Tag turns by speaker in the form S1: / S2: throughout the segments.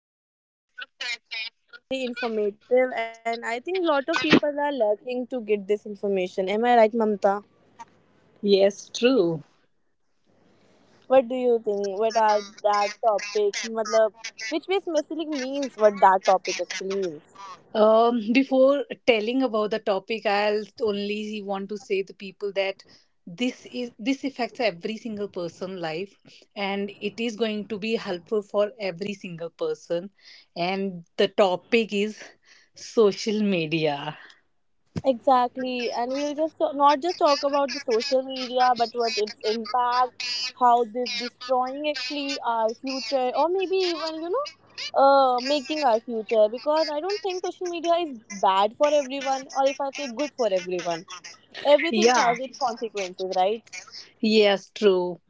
S1: podcast is, I think, very basic but very informative, and I think a lot of people are lurking to get this information. Am I right, Mamta?
S2: Yes, true.
S1: What do you think? What are that topic? Matlab, which basically means what that topic actually means.
S2: Before telling about the topic, I'll only want to say the people that this affects every single person life, and it is going to be helpful for every single person, and the topic is social media.
S1: Exactly, and we'll just not just talk about the social media, but what its impact, how this destroying actually our future, or maybe even making our future. Because I don't think social media is bad for everyone, or if I say good for everyone, everything
S2: Yeah.
S1: has its consequences, right?
S2: Yes, true.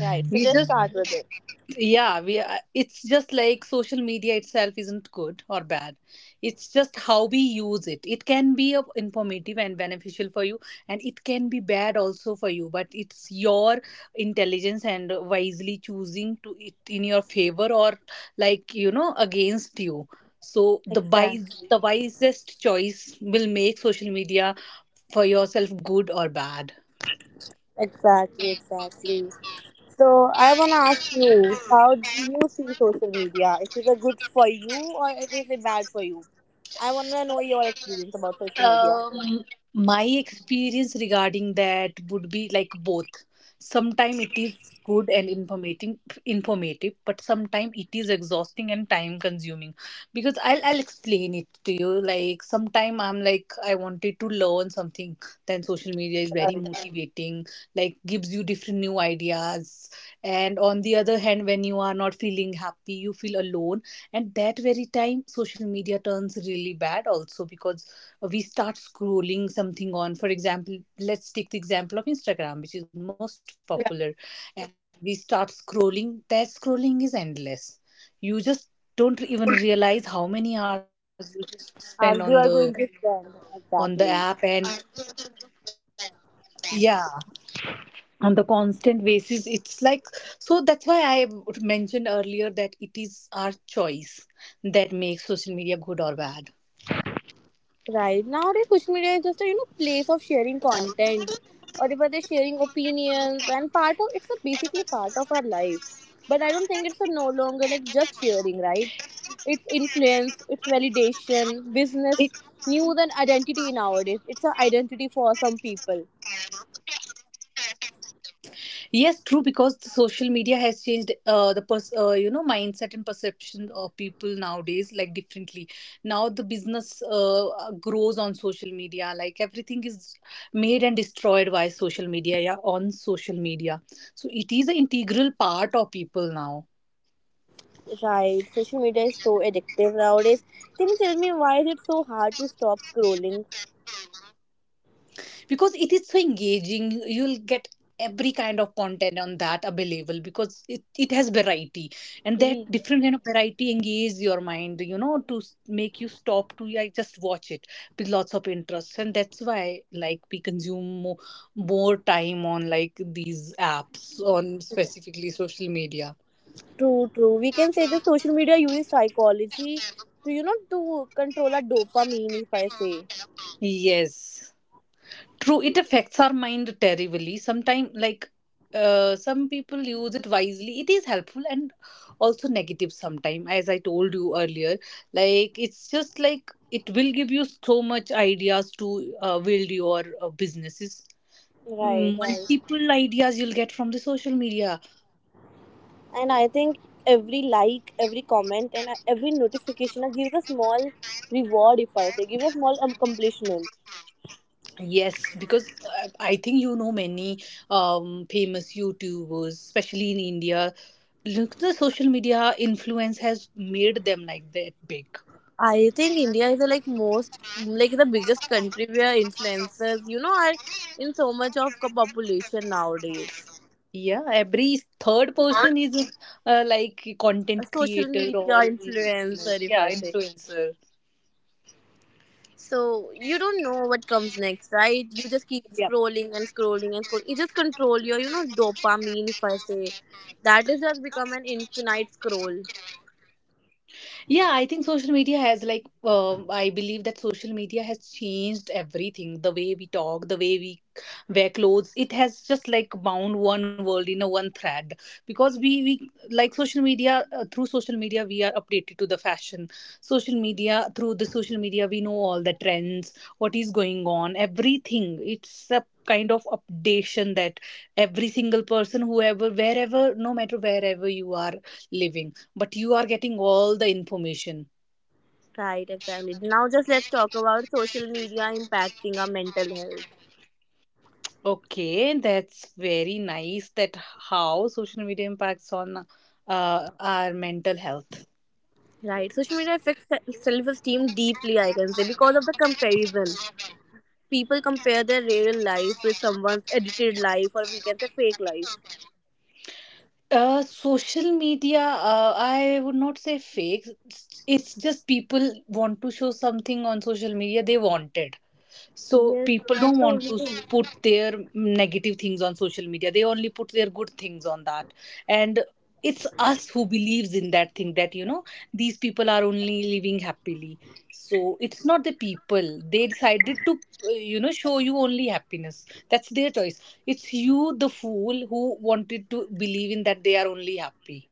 S1: Right. So
S2: We
S1: just
S2: just
S1: start with it.
S2: Yeah. It's just like social media itself isn't good or bad. It's just how we use it. It can be of informative and beneficial for you, and it can be bad also for you, but it's your intelligence and wisely choosing to it in your favor, or like against you. So the wise
S1: Exactly.
S2: the wisest choice will make social media for yourself good or bad.
S1: Exactly. Exactly. So I wanna ask you, how do you see social media? Is it a good for you or is it bad for you? I wanna know your experience about social media.
S2: Um, my experience regarding that would be like both. Sometimes it is good and informative, but sometimes it is exhausting and time consuming. Because I'll explain it to you. Like sometimes I'm like I wanted to learn something, then social media is very motivating. Like gives you different new ideas. And on the other hand, when you are not feeling happy, you feel alone, and that very time social media turns really bad also, because we start scrolling something on, for example let's take the example of Instagram, which is most popular, and we start scrolling, that scrolling is endless. You just don't even realize how many hours you just
S1: As
S2: spend
S1: you
S2: on
S1: are going
S2: the
S1: to spend
S2: on the app.
S1: exactly.
S2: And yeah, on the constant basis it's like, so that's why I mentioned earlier that it is our choice that makes social media good or bad.
S1: Right. Nowadays, social media is just a place of sharing content, or whether they're sharing opinions, and part of it's a basically part of our life. But I don't think it's a no longer like just sharing, right? It's influence, it's validation,
S2: It
S1: business, new than identity nowadays. It's an identity for some people.
S2: Yes, true, because the social media has changed the mindset and perception of people nowadays, like differently. Now the business grows on social media. Like everything is made and destroyed by social media. Yeah, on social media. So it is an integral part of people now.
S1: Right. Social media is so addictive nowadays. Can you tell me why is it so hard to stop scrolling?
S2: Because it is so engaging, you'll get every kind of content on that available, because it has variety, and that
S1: We
S2: different kind of variety engage your mind, you know, to make you stop to like just watch it with lots of interest, and that's why like we consume more time on like these apps on specifically social media.
S1: true, true. We can say that social media uses psychology to, to control our dopamine, if I say.
S2: Yes. True, it affects our mind terribly. Sometimes, like some people use it wisely. It is helpful and also negative sometimes, as I told you earlier. Like it's just like it will give you so much ideas to build your businesses.
S1: Right, right.
S2: Multiple ideas you'll get from the social media.
S1: And I think every like, every comment, and every notification gives a small reward, if I say, gives a small accomplishment.
S2: Yes, because I think you know many famous YouTubers, especially in India. Look, the social media influence has made them like that big.
S1: I think India is the like most, like the biggest country where influencers, are in so much of co- population nowadays.
S2: Yeah, every third person is like
S1: A
S2: content
S1: social
S2: creator
S1: media
S2: or
S1: influencer,
S2: like
S1: if
S2: yeah,
S1: I say.
S2: influencer.
S1: So you don't know what comes next, right? You just keep
S2: Yeah.
S1: scrolling and scrolling and scrolling. You just control your, dopamine. If I say that is just become an infinite scroll,
S2: Yeah, I think social media has like I believe that social media has changed everything. The way we talk, the way we wear clothes, it has just like bound one world in a one thread. Because we like social media, through social media we are updated to the fashion. Social media Through the social media we know all the trends, what is going on, everything. It's a kind of updation that every single person, whoever, wherever, no matter wherever you are living, but you are getting all the information.
S1: right? Exactly. Now just let's talk about social media impacting our mental health,
S2: Okay, that's very nice that how social media impacts on our mental health.
S1: right? Social media affects self-esteem deeply, I can say, because of the comparison. People compare their real life with someone's edited life, or we can say fake life.
S2: Social media, I would not say fake. It's just people want to show something on social media they wanted. So
S1: Yes,
S2: people
S1: that's
S2: don't
S1: the
S2: want
S1: only
S2: to
S1: thing.
S2: put their negative things on social media, they only put their good things on that. And it's us who believes in that thing that, you know, these people are only living happily. So it's not the people, they decided to, you know, show you only happiness. That's their choice. It's you, the fool, who wanted to believe in that they are only happy.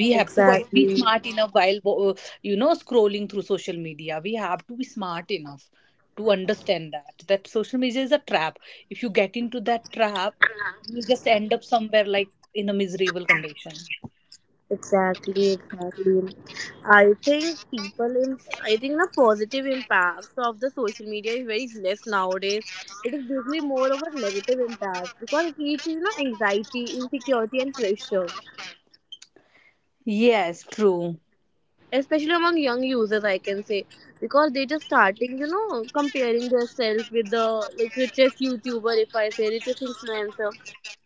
S2: We have to be
S1: Exactly.
S2: smart enough while, uh, scrolling through social media. We have to be smart enough to understand that that social media is a trap. If you get into that trap, you just end up somewhere like in a miserable condition.
S1: Exactly, exactly. I think the positive impact of the social media is very less nowadays. It is basically more of a negative impact because it leads to anxiety, insecurity, and pressure,
S2: Yes, true.
S1: especially among young users. I can say because they just starting, comparing themselves with the like richest YouTuber, if I say richest influencer,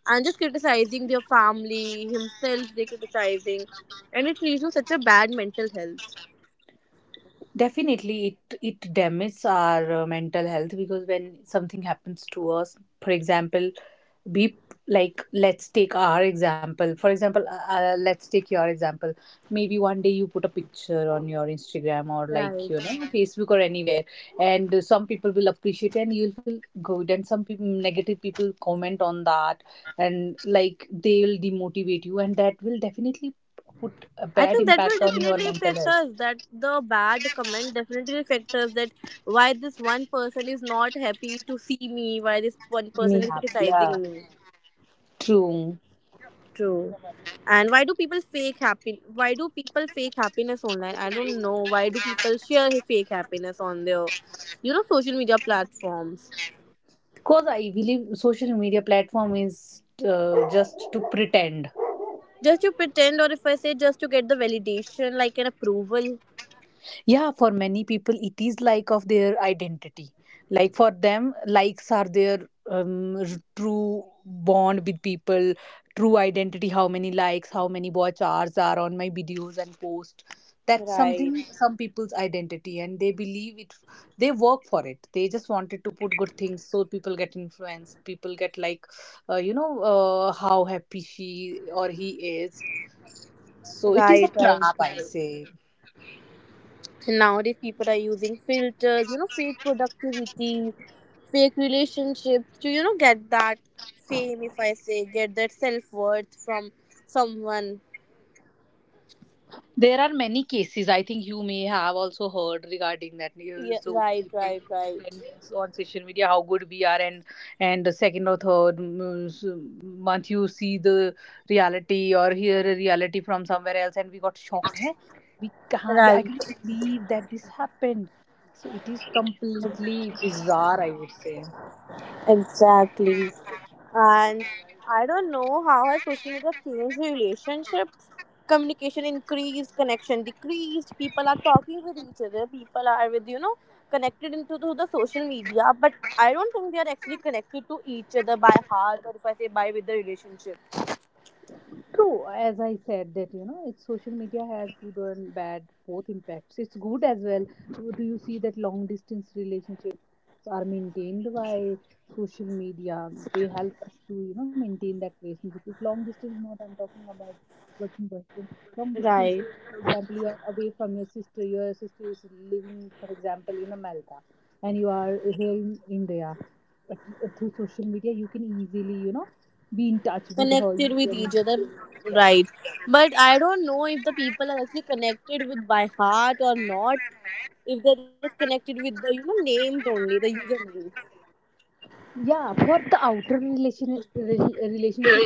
S1: and just criticizing their family, himself. They criticizing, and it leads to such a bad mental health.
S2: Definitely it damages our mental health, because when something happens to us, for example, be like let's take our example, for example, let's take your example. Maybe one day you put a picture on your Instagram or like, you know,
S1: Right.
S2: Facebook or anywhere, and some people will appreciate and you'll feel good, and some people, negative people, comment on that, and like they will demotivate you, and that will definitely put a
S1: I
S2: bad
S1: think that will
S2: impact on your
S1: definitely
S2: mental
S1: affect
S2: health.
S1: us. That the bad comment definitely affect us. That why this one person is not happy to see me. Why this one
S2: You may
S1: person is
S2: have Yeah.
S1: criticizing me.
S2: True.
S1: True. And why do people fake happy? Why do people fake happiness online? I don't know. Why do people share fake happiness on their, social media platforms?
S2: Because I believe social media platform is just to pretend.
S1: Just to pretend, or if I say just to get the validation, like an approval.
S2: Yeah, for many people, it is like of their identity. Like for them, likes are their true bond with people, true identity. How many likes, how many watch hours are on my videos and post. That's
S1: Right.
S2: something, some people's identity, and they believe it. They work for it. They just wanted to put good things so people get influenced. People get like, you know, how happy she or he is. So it is a
S1: Right. Right. Right.
S2: trap, I say.
S1: Nowadays people are using filters, fake productivity, fake relationships to get that fame, if I say, get that self-worth from someone.
S2: There are many cases. I think you may have also heard regarding that.
S1: Yeah,
S2: So
S1: right, right, right,
S2: when we on social media, how good we are, and the second or third month, you see the reality or hear a reality from somewhere else, and we got shocked. Hey,
S1: right.
S2: I can't believe that this happened. So it is completely bizarre, I would say.
S1: Exactly. And I don't know how has social media changed relationships. Communication increased, connection decreased. People are talking with each other. People are with connected into to the social media, but I don't think they are actually connected to each other by heart, or if I say by with the relationship.
S2: True, as I said that, you know, it's social media has good and bad, both impacts. It's good as well. So, do you see that long distance relationship are maintained by social media? They help us to, you know, maintain that relationship. If long distance, not I'm talking about girlfriend boyfriend. Long
S1: Right.
S2: distance, like for example, you are away from your sister. Your sister is living, for example, in America, and you are here in India. But through social media, you can easily, you know, be in touch with her.
S1: Connected
S2: You
S1: with
S2: can.
S1: each other,
S2: Yeah.
S1: right, but I don't know if the people are actually connected with by heart or not, if they're just connected with the names, only the usernames.
S2: Yeah, for the outer relationship.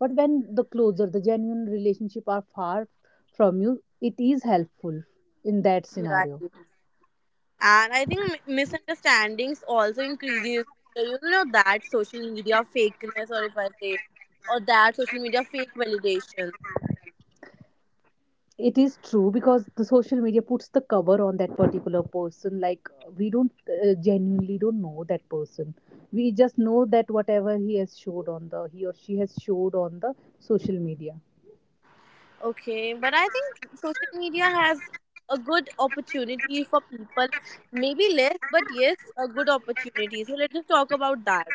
S2: But when the closer, the genuine relationship are far from you, it is helpful in that
S1: Right.
S2: scenario.
S1: And I think misunderstandings also increases with the, that social media fakeness, or if I say or that social media fake validation.
S2: It is true, because the social media puts the cover on that particular person. Like we don't, genuinely don't know that person. We just know that whatever he has showed on the, he or she has showed on the social media.
S1: Okay, but I think social media has a good opportunity for people, maybe less, but yes, a good opportunity. So let us talk about that.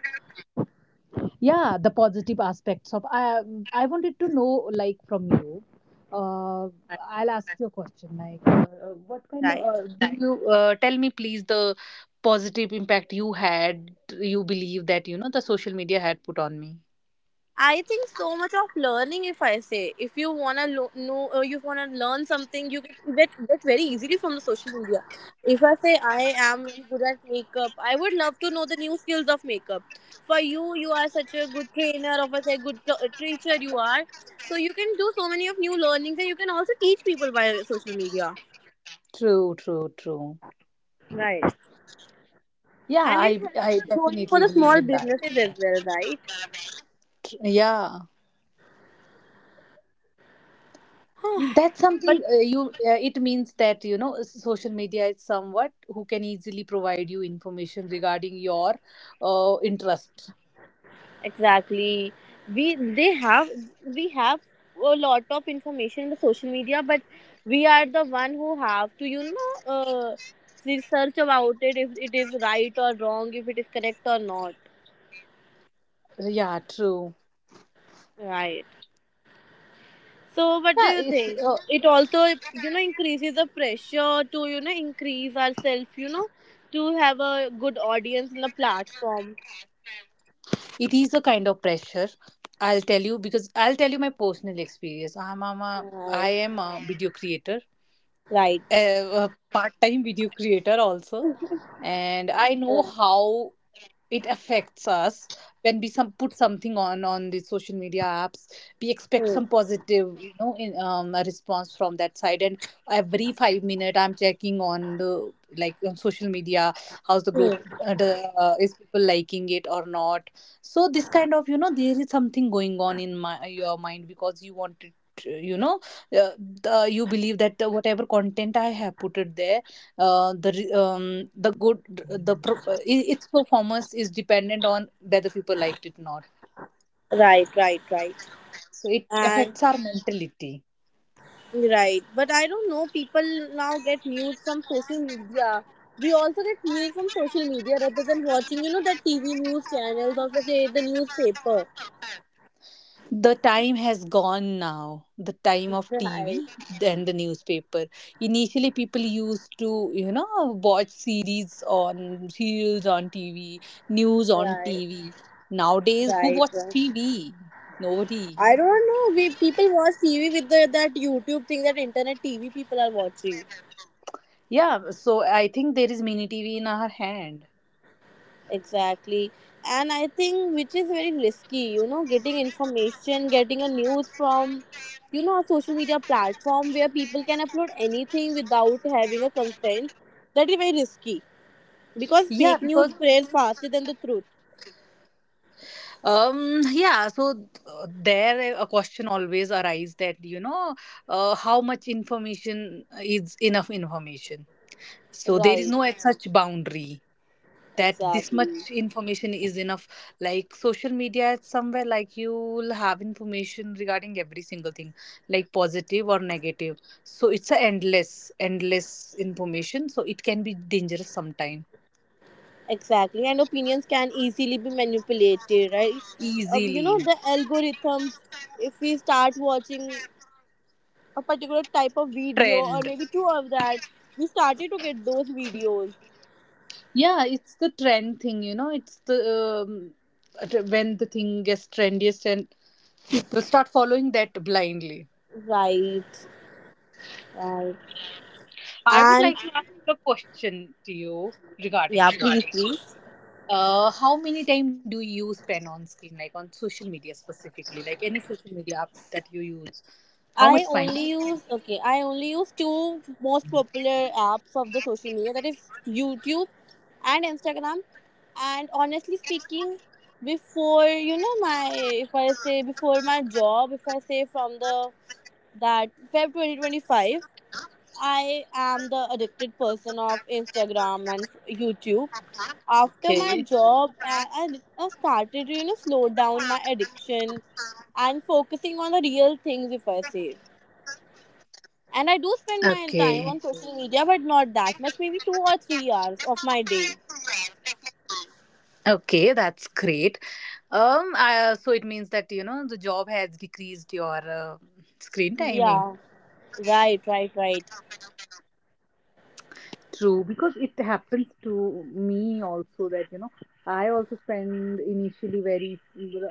S2: Yeah, the positive aspects of, I wanted to know like from you. uh, I'll ask you a question like, what kind of,
S1: Right.
S2: do you, tell me please the positive impact you had, you believe that, you know, the social media had put on me.
S1: I think so much of learning. If I say, if you wanna know, you wanna learn something, you get very easily from the social media. If I say I am very good at makeup, I would love to know the new skills of makeup. For you, you are such a good trainer, or if I say good teacher, you are. So you can do so many of new learnings, and you can also teach people by social media.
S2: True, true, true.
S1: Right.
S2: Yeah,
S1: And it's
S2: i
S1: helpful
S2: i
S1: growing for
S2: definitely
S1: the
S2: believe
S1: small
S2: in
S1: businesses as well, right?
S2: that. Yeah, that's
S1: But
S2: something, you it means that, you know, social media is somewhat who can easily provide you information regarding your interest.
S1: exactly. We they have we have a lot of information in the social media, but we are the one who have to research about it if it is right or wrong, if it is correct or not.
S2: Yeah, true.
S1: Right. So what do
S2: Yeah,
S1: you think? It also increases the pressure to increase ourselves. You know, to have a good audience in the platform.
S2: it is a kind of pressure, I'll tell you, because I'll tell you my personal experience. i'm, I'm a
S1: Right.
S2: i am a video creator,
S1: Right.
S2: a, a part-time video creator also, and I know
S1: Yeah.
S2: how it affects us. When we some put something on the social media apps, we expect
S1: Hmm.
S2: some positive, you know, in a response from that side. And every 5 minute I'm checking on the, like on social media, how's the growth,
S1: Hmm.
S2: uh, the, is people liking it or not. So this kind of, you know, there is something going on in my your mind, because you want it, uh, you know uh, you believe that, whatever content I have put it there, the good its performance is dependent on whether people liked it or not.
S1: Right. Right. Right.
S2: So it affects
S1: And
S2: our mentality.
S1: right, but I don't know. People now get news from social media. We also get news from social media rather than watching, that TV news channels, also say the newspaper.
S2: The time has gone, now the time of TV
S1: Right,
S2: and the newspaper. Initially, people used to, you know, watch series on, serials on TV, news on
S1: right,
S2: TV. Nowadays, who
S1: right,
S2: watches
S1: right.
S2: TV? Nobody.
S1: I don't know. We people watch TV with the, that YouTube thing, that internet TV people are watching.
S2: Yeah, so I think there is mini TV in our hand.
S1: Exactly. And I think which is very risky, getting information, getting a news from, a social media platform where people can upload anything without having a consent. That is very risky because
S2: Yeah,
S1: fake news
S2: because,
S1: spreads faster than the truth.
S2: Yeah, so there a question always arises that, you know, how much information is enough information. So there is
S1: Right.
S2: no as such boundary that this much
S1: Exactly.
S2: information is enough. Like social media is somewhere like you'll have information regarding every single thing, like positive or negative. So it's a endless, endless information. So it can be dangerous sometime.
S1: Exactly. And opinions can easily be manipulated, right? You
S2: Easily.
S1: know, the algorithm, if we start watching a particular type of video
S2: Trend.
S1: or maybe two of that, we started to get those videos,
S2: Yeah, it's the trend thing, you know. It's the um, when the thing gets trendiest and people start following that blindly.
S1: right, right.
S2: I would
S1: And
S2: like to have a question to you regarding
S1: yeah,
S2: social.
S1: please, please.
S2: How many time do you spend on screen, like on social media, specifically like any social media apps that you use? How
S1: I
S2: much time?
S1: only use, okay, I only use two most popular apps of the social media, that is YouTube and Instagram. And honestly speaking, before my, if I say before my job, if I say from the that feb 2025, I am the addicted person of Instagram and YouTube. After my
S2: Okay.
S1: job, I started to slow down my addiction and focusing on the real things, if I say. And I do
S2: Okay.
S1: spend my time on social media, but not that much, maybe 2 or 3 hours of my day.
S2: Okay, that's great. So it means that, you know, the job has decreased your screen timing.
S1: Yeah, right, right, right,
S2: True, because it happens to me also that, you know, I also spend initially very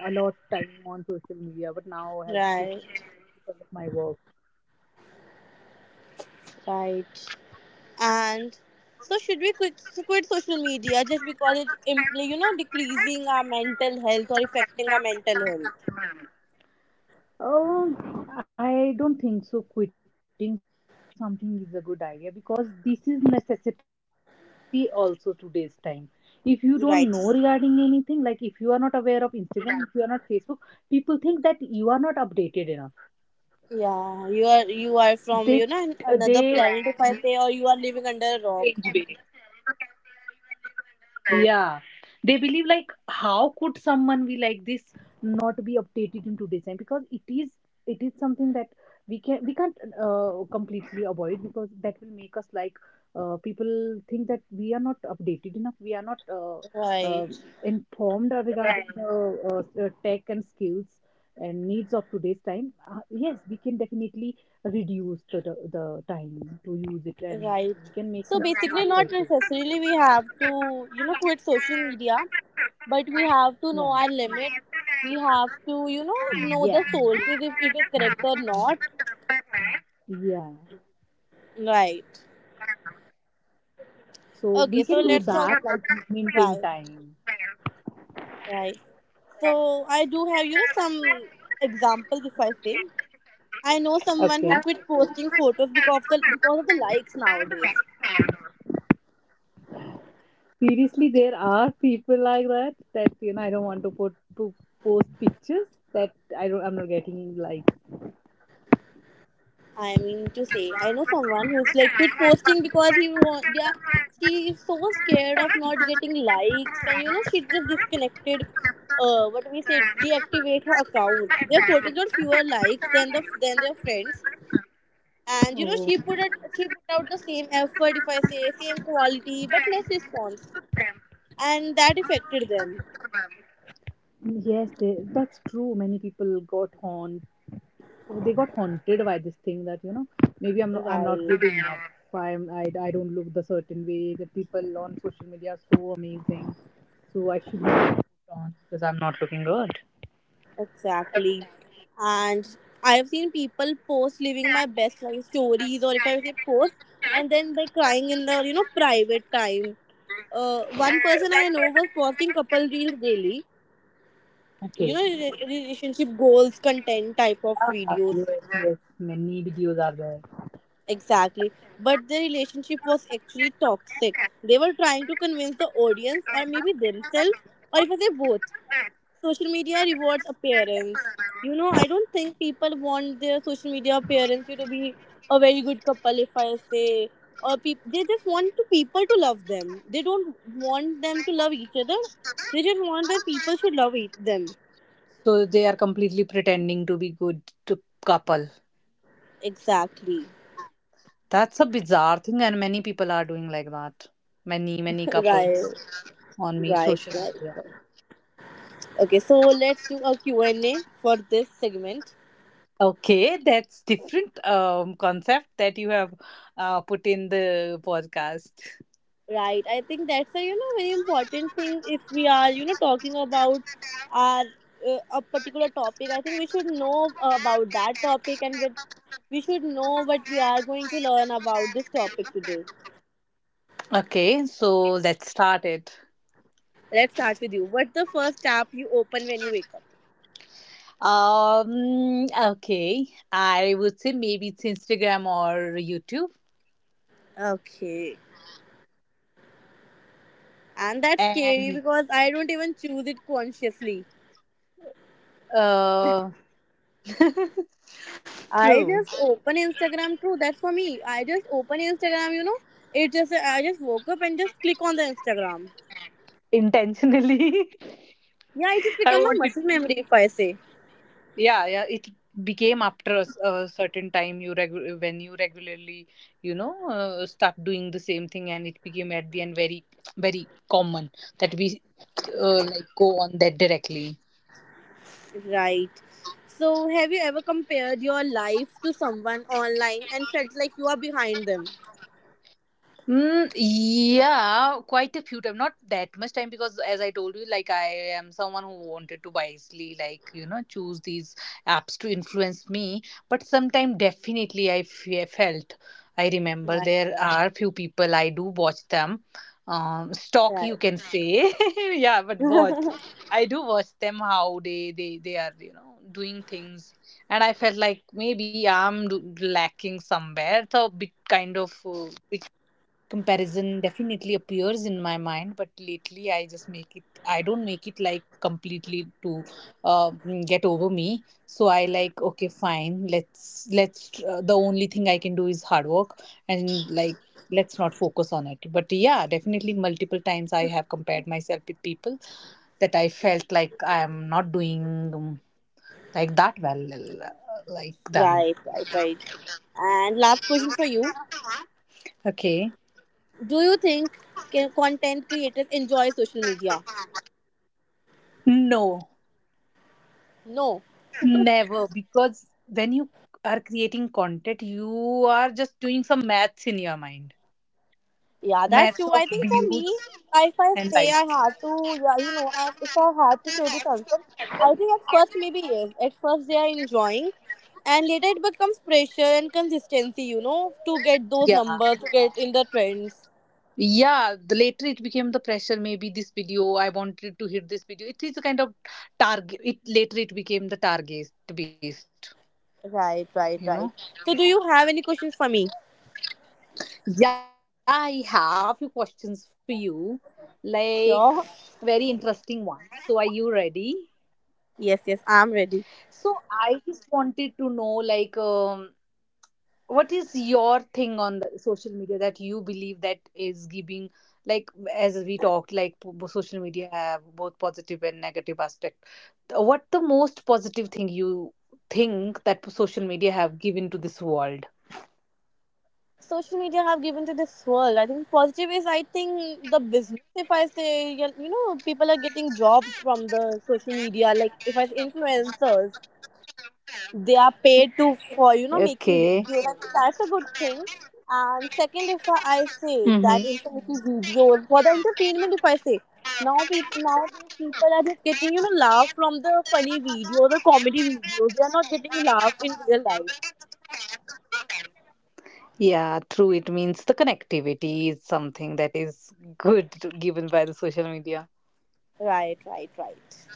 S2: a lot of time on social media, but now has to-
S1: right,
S2: because of my work.
S1: right. And so should we quit, quit social media just because it's decreasing our mental health or affecting our mental health,
S2: Oh, I don't think so. Quitting something is a good idea because this is necessity also today's time. If you don't
S1: right?
S2: know regarding anything, like if you are not aware of Instagram, if you are not Facebook, people think that you are not updated enough.
S1: Yeah, you are, you are from
S2: They
S1: another
S2: they
S1: planet, if I say, or you are living under a rock.
S2: strange way. Yeah. They believe, like how could someone be like this, not be updated in today's time, because it is something that we can't completely avoid, because that will make us like people think that we are not updated enough, we are not uh,
S1: Right,
S2: informed regarding the tech and skills and needs of today's time. Yes, we can definitely reduce the time to use it, and we can make
S1: right.
S2: some
S1: So
S2: smart
S1: basically,
S2: choices.
S1: not necessarily we have to quit social media, but we
S2: Yeah.
S1: have to know our limit. We have to
S2: Yeah.
S1: know the sources if it is correct or not.
S2: Yeah,
S1: Right.
S2: so we can
S1: Okay.
S2: do
S1: So let's
S2: that,
S1: talk.
S2: like maintain
S1: Right.
S2: time.
S1: Right. So I do have, some examples if I say. I know
S2: Okay,
S1: someone who quit posting photos because of the likes nowadays.
S2: seriously, there are people like that, that, you know, I don't want to put to post pictures that I don't, I'm not getting like.
S1: I mean to say, I know someone who's like quit posting because he want, yeah, she is so scared of not getting likes, and she just disconnected, uh, what we say, deactivate her account. Their photos got fewer likes than the than their friends. And
S2: Oh.
S1: she put it she put out the same effort, if I say same quality but less response, and that affected them.
S2: Yes, they, that's true. Many people got haunt. They got haunted by this thing that, you know, maybe I'm not, I'm not
S1: Right.
S2: good enough. So I'm, I don't look the certain way that people on social media are so amazing. So I should not put on because I'm not looking good.
S1: Exactly. And I've seen people post "living my best life" stories, or if I say post, and then they're crying in the private time. One person I know was posting couple reels daily. You
S2: Okay.
S1: know, relationship goals, content type of
S2: Ah,
S1: videos.
S2: yes, yes. Many videos are there.
S1: Exactly. But the relationship was actually toxic. They were trying to convince the audience, or maybe themselves, or if I say both. Social media rewards appearance. You know, I don't think people want their social media appearance you to be a very good couple, if I say, or peop they just want to people to love them. They don't want them to love each other. They just want that people should love each them.
S2: So they are completely pretending to be good to couple.
S1: Exactly.
S2: That's a bizarre thing, and many people are doing like that. Many couple
S1: Right.
S2: on me
S1: Right.
S2: social
S1: Right.
S2: media.
S1: Okay. So let's do a Q and A for this segment.
S2: Okay, that's different concept that you have put in the podcast.
S1: Right. I think that's a very important thing if we are talking about our a particular topic. I think we should know about that topic, and with we should know what we are going to learn about this topic today.
S2: Okay, so let's start it.
S1: Let's start with you. What's the first app you open when you wake up?
S2: Okay, I would say maybe it's Instagram or YouTube.
S1: Okay. And that's
S2: And
S1: scary because I don't even choose it consciously.
S2: uh,
S1: I
S2: true,
S1: just open Instagram too. That's for me. I just open Instagram. It just I just woke up and just click on the Instagram.
S2: intentionally,
S1: Yeah, it has
S2: I
S1: become my
S2: wanted.
S1: muscle memory, if I say.
S2: Yeah, yeah, it became after a, a certain time, you when you regularly, you know, start doing the same thing, and it became at the end very very common that we like go on that directly.
S1: Right. So, have you ever compared your life to someone online and felt like you are behind them?
S2: Mm, yeah, quite a few time. Not that much time because, as I told you, like I am someone who wanted to wisely, like, you know, choose these apps to influence me. But sometime definitely I felt. I remember
S1: Right.
S2: there are few people I do watch them. Stalk,
S1: Right.
S2: you can say, yeah, but watch. I do watch them, how they are, you know, doing things, and I felt like maybe I'm lacking somewhere. So bit kind of comparison definitely appears in my mind, but lately I just make it, I don't make it like completely to uh, get over me. So I like, okay, fine, let's the only thing I can do is hard work, and like let's not focus on it. But yeah, definitely multiple times I have compared myself with people that I felt like I am not doing um, like that well, uh, like them.
S1: Right. Right. Right. And last question for you:
S2: Okay.
S1: Do you think content creators enjoy social media?
S2: No.
S1: No.
S2: Never, because when you are creating content, you are just doing some maths in your mind.
S1: Yeah, that's
S2: Maths
S1: true.
S2: of
S1: I think for
S2: views
S1: me, if I
S2: and
S1: say I
S2: likes.
S1: had to, yeah, you know, if I had to say this answer, I think at first maybe yes. At first they are enjoying, and later it becomes pressure and consistency, you know, to get those
S2: Yeah.
S1: numbers, to get in the trends.
S2: Yeah. The later it became the pressure, maybe this video, I wanted to hit this video. It is a kind of target. It later it became the target based,
S1: Right,
S2: you know.
S1: right, right. So, do you have any questions for me?
S2: Yeah, I have few questions for you. Like
S1: Sure.
S2: very interesting ones. So are you ready?
S1: Yes, yes, I'm ready.
S2: So I just wanted to know like what is your thing on the social media that you believe that is giving, like, as we talked, like social media have both positive and negative aspect. What the most positive thing you think that social media have given to this world?
S1: Social media have given to this world. I think positive is I think the business. If I say you know people are getting jobs from the social media. Like if I say influencers, they are paid to for
S2: Okay.
S1: you know making videos. I think that's a good thing. And second, if I
S2: Mm-hmm.
S1: say that informative videos for the entertainment, if I say now people are just getting you know laugh from the funny videos or comedy videos. They are not getting laugh in real life.
S2: Yeah, true. It means the connectivity is something that is good, given by the social media.
S1: Right, right, right.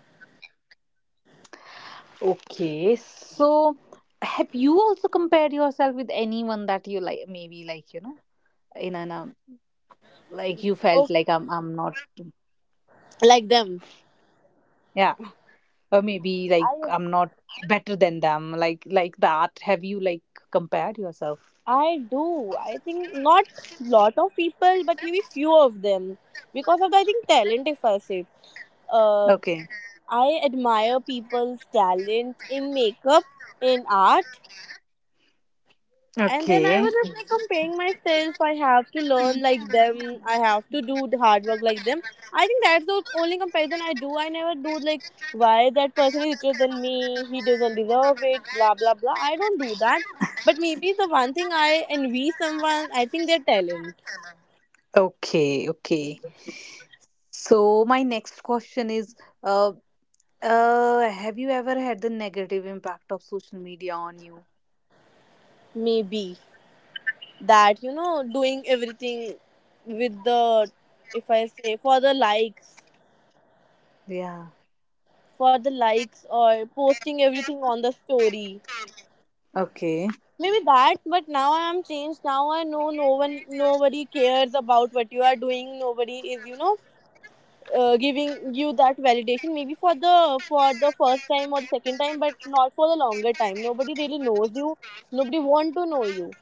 S2: Okay, so have you also compared yourself with anyone that you like? Maybe, like, you know, in an like you
S1: Oh,
S2: felt like I'm not,
S1: like them.
S2: yeah, or maybe like
S1: I
S2: I'm not better than them, like that. Have you like compared yourself?
S1: I do. I think not lot of people, but maybe few of them. Because of the, I think talent. If I say, uh,
S2: Okay,
S1: I admire people's talent in makeup, in art. And then I
S2: okay,
S1: was just like comparing myself. I have to learn like them. I have to do the hard work like them. I think that's the only comparison I do. I never do like why that person is richer than me. He doesn't deserve it. Blah blah blah. I don't do that. But maybe the one thing I envy someone, I think their talent.
S2: okay. So my next question is, uh, have you ever had the negative impact of social media on you?
S1: Maybe that you know doing everything with the if I say
S2: Yeah.
S1: for the likes or posting everything on the story
S2: Okay.
S1: maybe that. But now I am changed. Now I know no one, nobody cares about what you are doing. Nobody is, you know, giving you that validation maybe for the first time or the second time, but not for the longer time. Nobody really knows you. Nobody want to know you.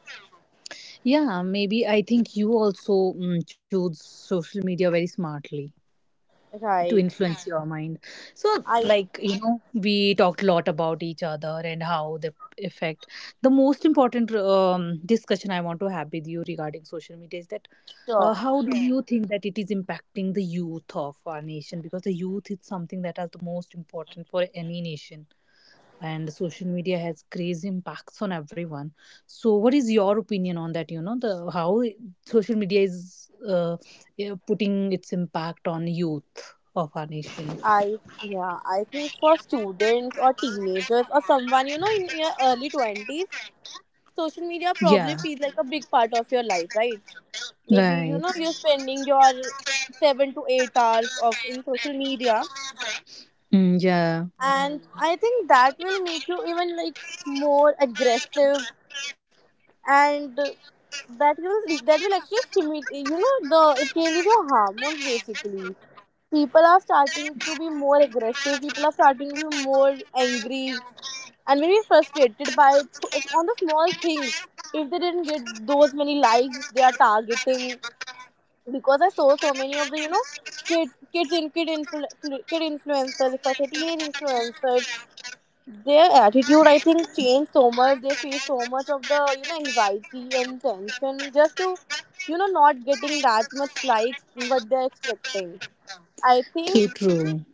S2: Yeah, maybe I think you also, mm, choose social media very smartly to
S1: Right.
S2: influence your mind. So,
S1: I
S2: like, you know, we talked a lot about each other and how they affect. The most important discussion I want to have with you regarding social media is that
S1: sure
S2: how do you think that it is impacting the youth of our nation? Because the youth is something that is the most important for any nation, and social media has crazy impacts on everyone. So what is your opinion on that, you know, the how social media is yeah, putting its impact on youth of our nation.
S1: I Yeah, I think for students or teenagers or someone you know in your early 20s, social media
S2: Yeah.
S1: probably feels like a big part of your life, right? Maybe you
S2: Right.
S1: know you're spending your 7 to 8 hours of in social media,
S2: Mm, yeah.
S1: and I think that will make you even like more aggressive, and that will actually stimulate, you know, the it changes your hormones basically. People are starting to be more aggressive, people are starting to be more angry and maybe frustrated by on the small things. If they didn't get those many likes they are targeting, because I saw so many of the you know kid kids in kid influ, kid influencers, if I say teenage influencers, their attitude I think changed so much. They face so much of the you know anxiety and tension just to you know not getting that much likes what they're expecting, I think.
S2: True, true.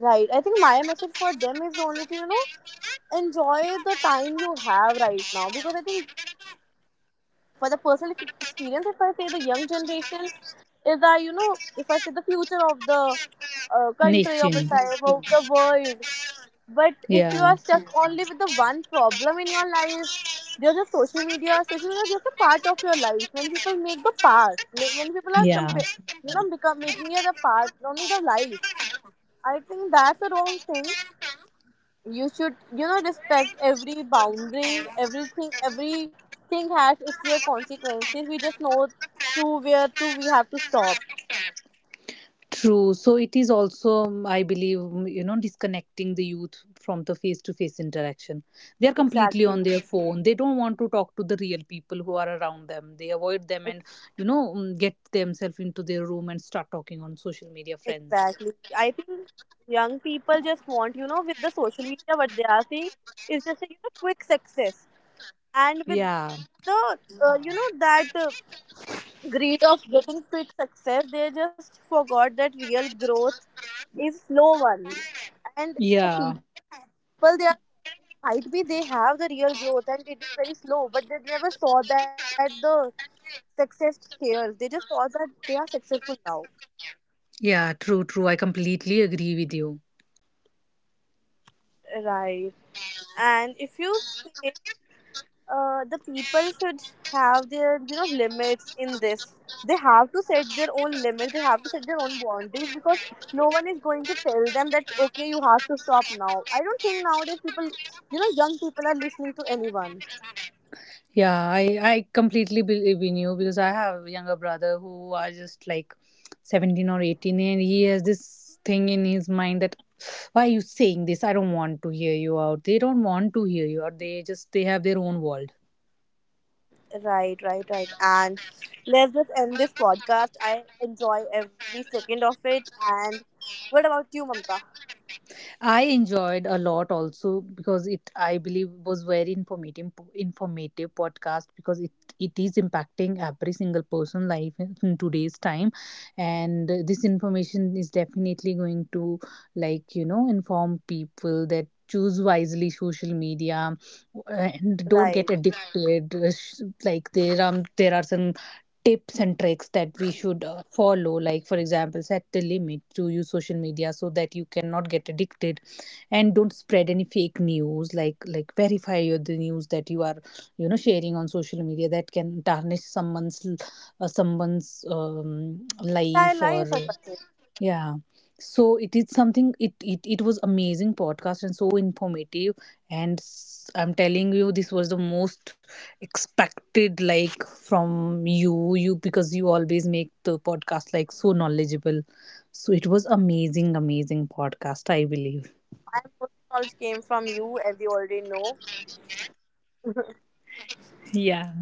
S1: Right. I think my message for them is only to you know enjoy the time you have right now, because I think for the personal experience, if I say the young generation is that you know, if I say the future of the country
S2: Nation.
S1: of itself of the world. But if you
S2: Yeah.
S1: are stuck only with the one problem in your life, there's just social media. Social media is just a part of your life. When people make the part, like when people are
S2: Yeah.
S1: you know become making it a part only the life, I think that's the wrong thing. You should you know respect every boundary. Everything, everything has its clear consequences. We just know to where to we have to stop.
S2: True. So it is also, I believe, mm, you know, disconnecting the youth from the face to face interaction. They are completely on
S1: Exactly.
S2: their phone. They don't want to talk to the real people who are around them. They avoid them and,
S1: Ex-
S2: you know, mm, get themselves into their room and start talking on social media friends.
S1: exactly. I think young people just want you know with the social media what they are seeing is just a you know quick success, and with
S2: Yeah.
S1: the you know that greed of getting quick success they just forgot that real growth is slow one. And the
S2: Yeah.
S1: people they are, might be they have the real growth and it is very slow, but they never saw that the success stairs. They just saw that they are successful now.
S2: Yeah. True. True. I completely agree with you.
S1: Right. And if you say the people should have their you know limits in this, they have to set their own limit. They have to set their own boundaries because no one is going to tell them that okay you have to stop now. I don't think nowadays people, you know, young people are listening to anyone.
S2: Yeah, I completely believe in you, because I have a younger brother who are just like 17 or 18, and he has this thing in his mind that why are you saying this, I don't want to hear you out. They don't want to hear you out. They just, they have their own world.
S1: Right, right, right. And let's just end this podcast. I enjoy every second of it. And what about you, Mamta?
S2: I enjoyed a lot also, because it, I believe, was very informative podcast, because it is impacting every single person life in today's time, and this information is definitely going to, like, you know, inform people that choose wisely social media and don't
S1: Right.
S2: get addicted. Like there there are some tips and tricks that we should follow, like for example, set a limit to use social media so that you cannot get addicted, and don't spread any fake news, like verify your, the news that you are, you know, sharing on social media that can tarnish someone's someone's
S1: Entire
S2: life or
S1: life, I find.
S2: yeah. So it is something, it was amazing podcast and so informative. And I'm telling you, this was the most expected, like from you, because you always make the podcast like so knowledgeable. So it was amazing, amazing podcast, I believe.
S1: My most knowledge came from you, as you already know.
S2: Yeah.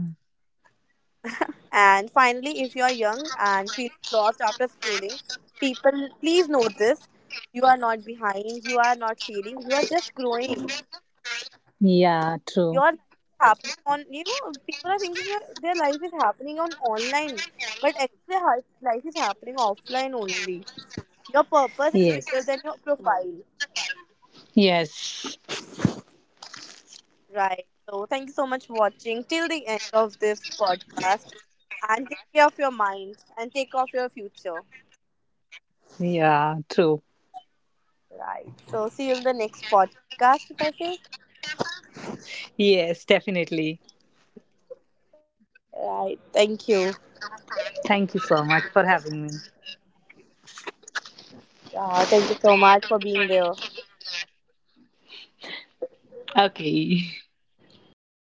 S1: And finally, if you are young and feeling lost after scrolling, people, please know this. You are not behind. You are not failing. You are just growing.
S2: Yeah, true.
S1: Your life is happening on, you know, people are thinking their life is happening on online, but actually their life is happening offline only. Your purpose is
S2: Yes.
S1: bigger than your profile.
S2: Yes.
S1: Right. So thank you so much for watching till the end of this podcast, and take care of your mind and take off your future.
S2: Yeah, true.
S1: Right. So see you in the next podcast, if I say.
S2: Yes, definitely.
S1: Right, thank you.
S2: Thank you so much for having me.
S1: Yeah, thank you so much for being there.
S2: Okay.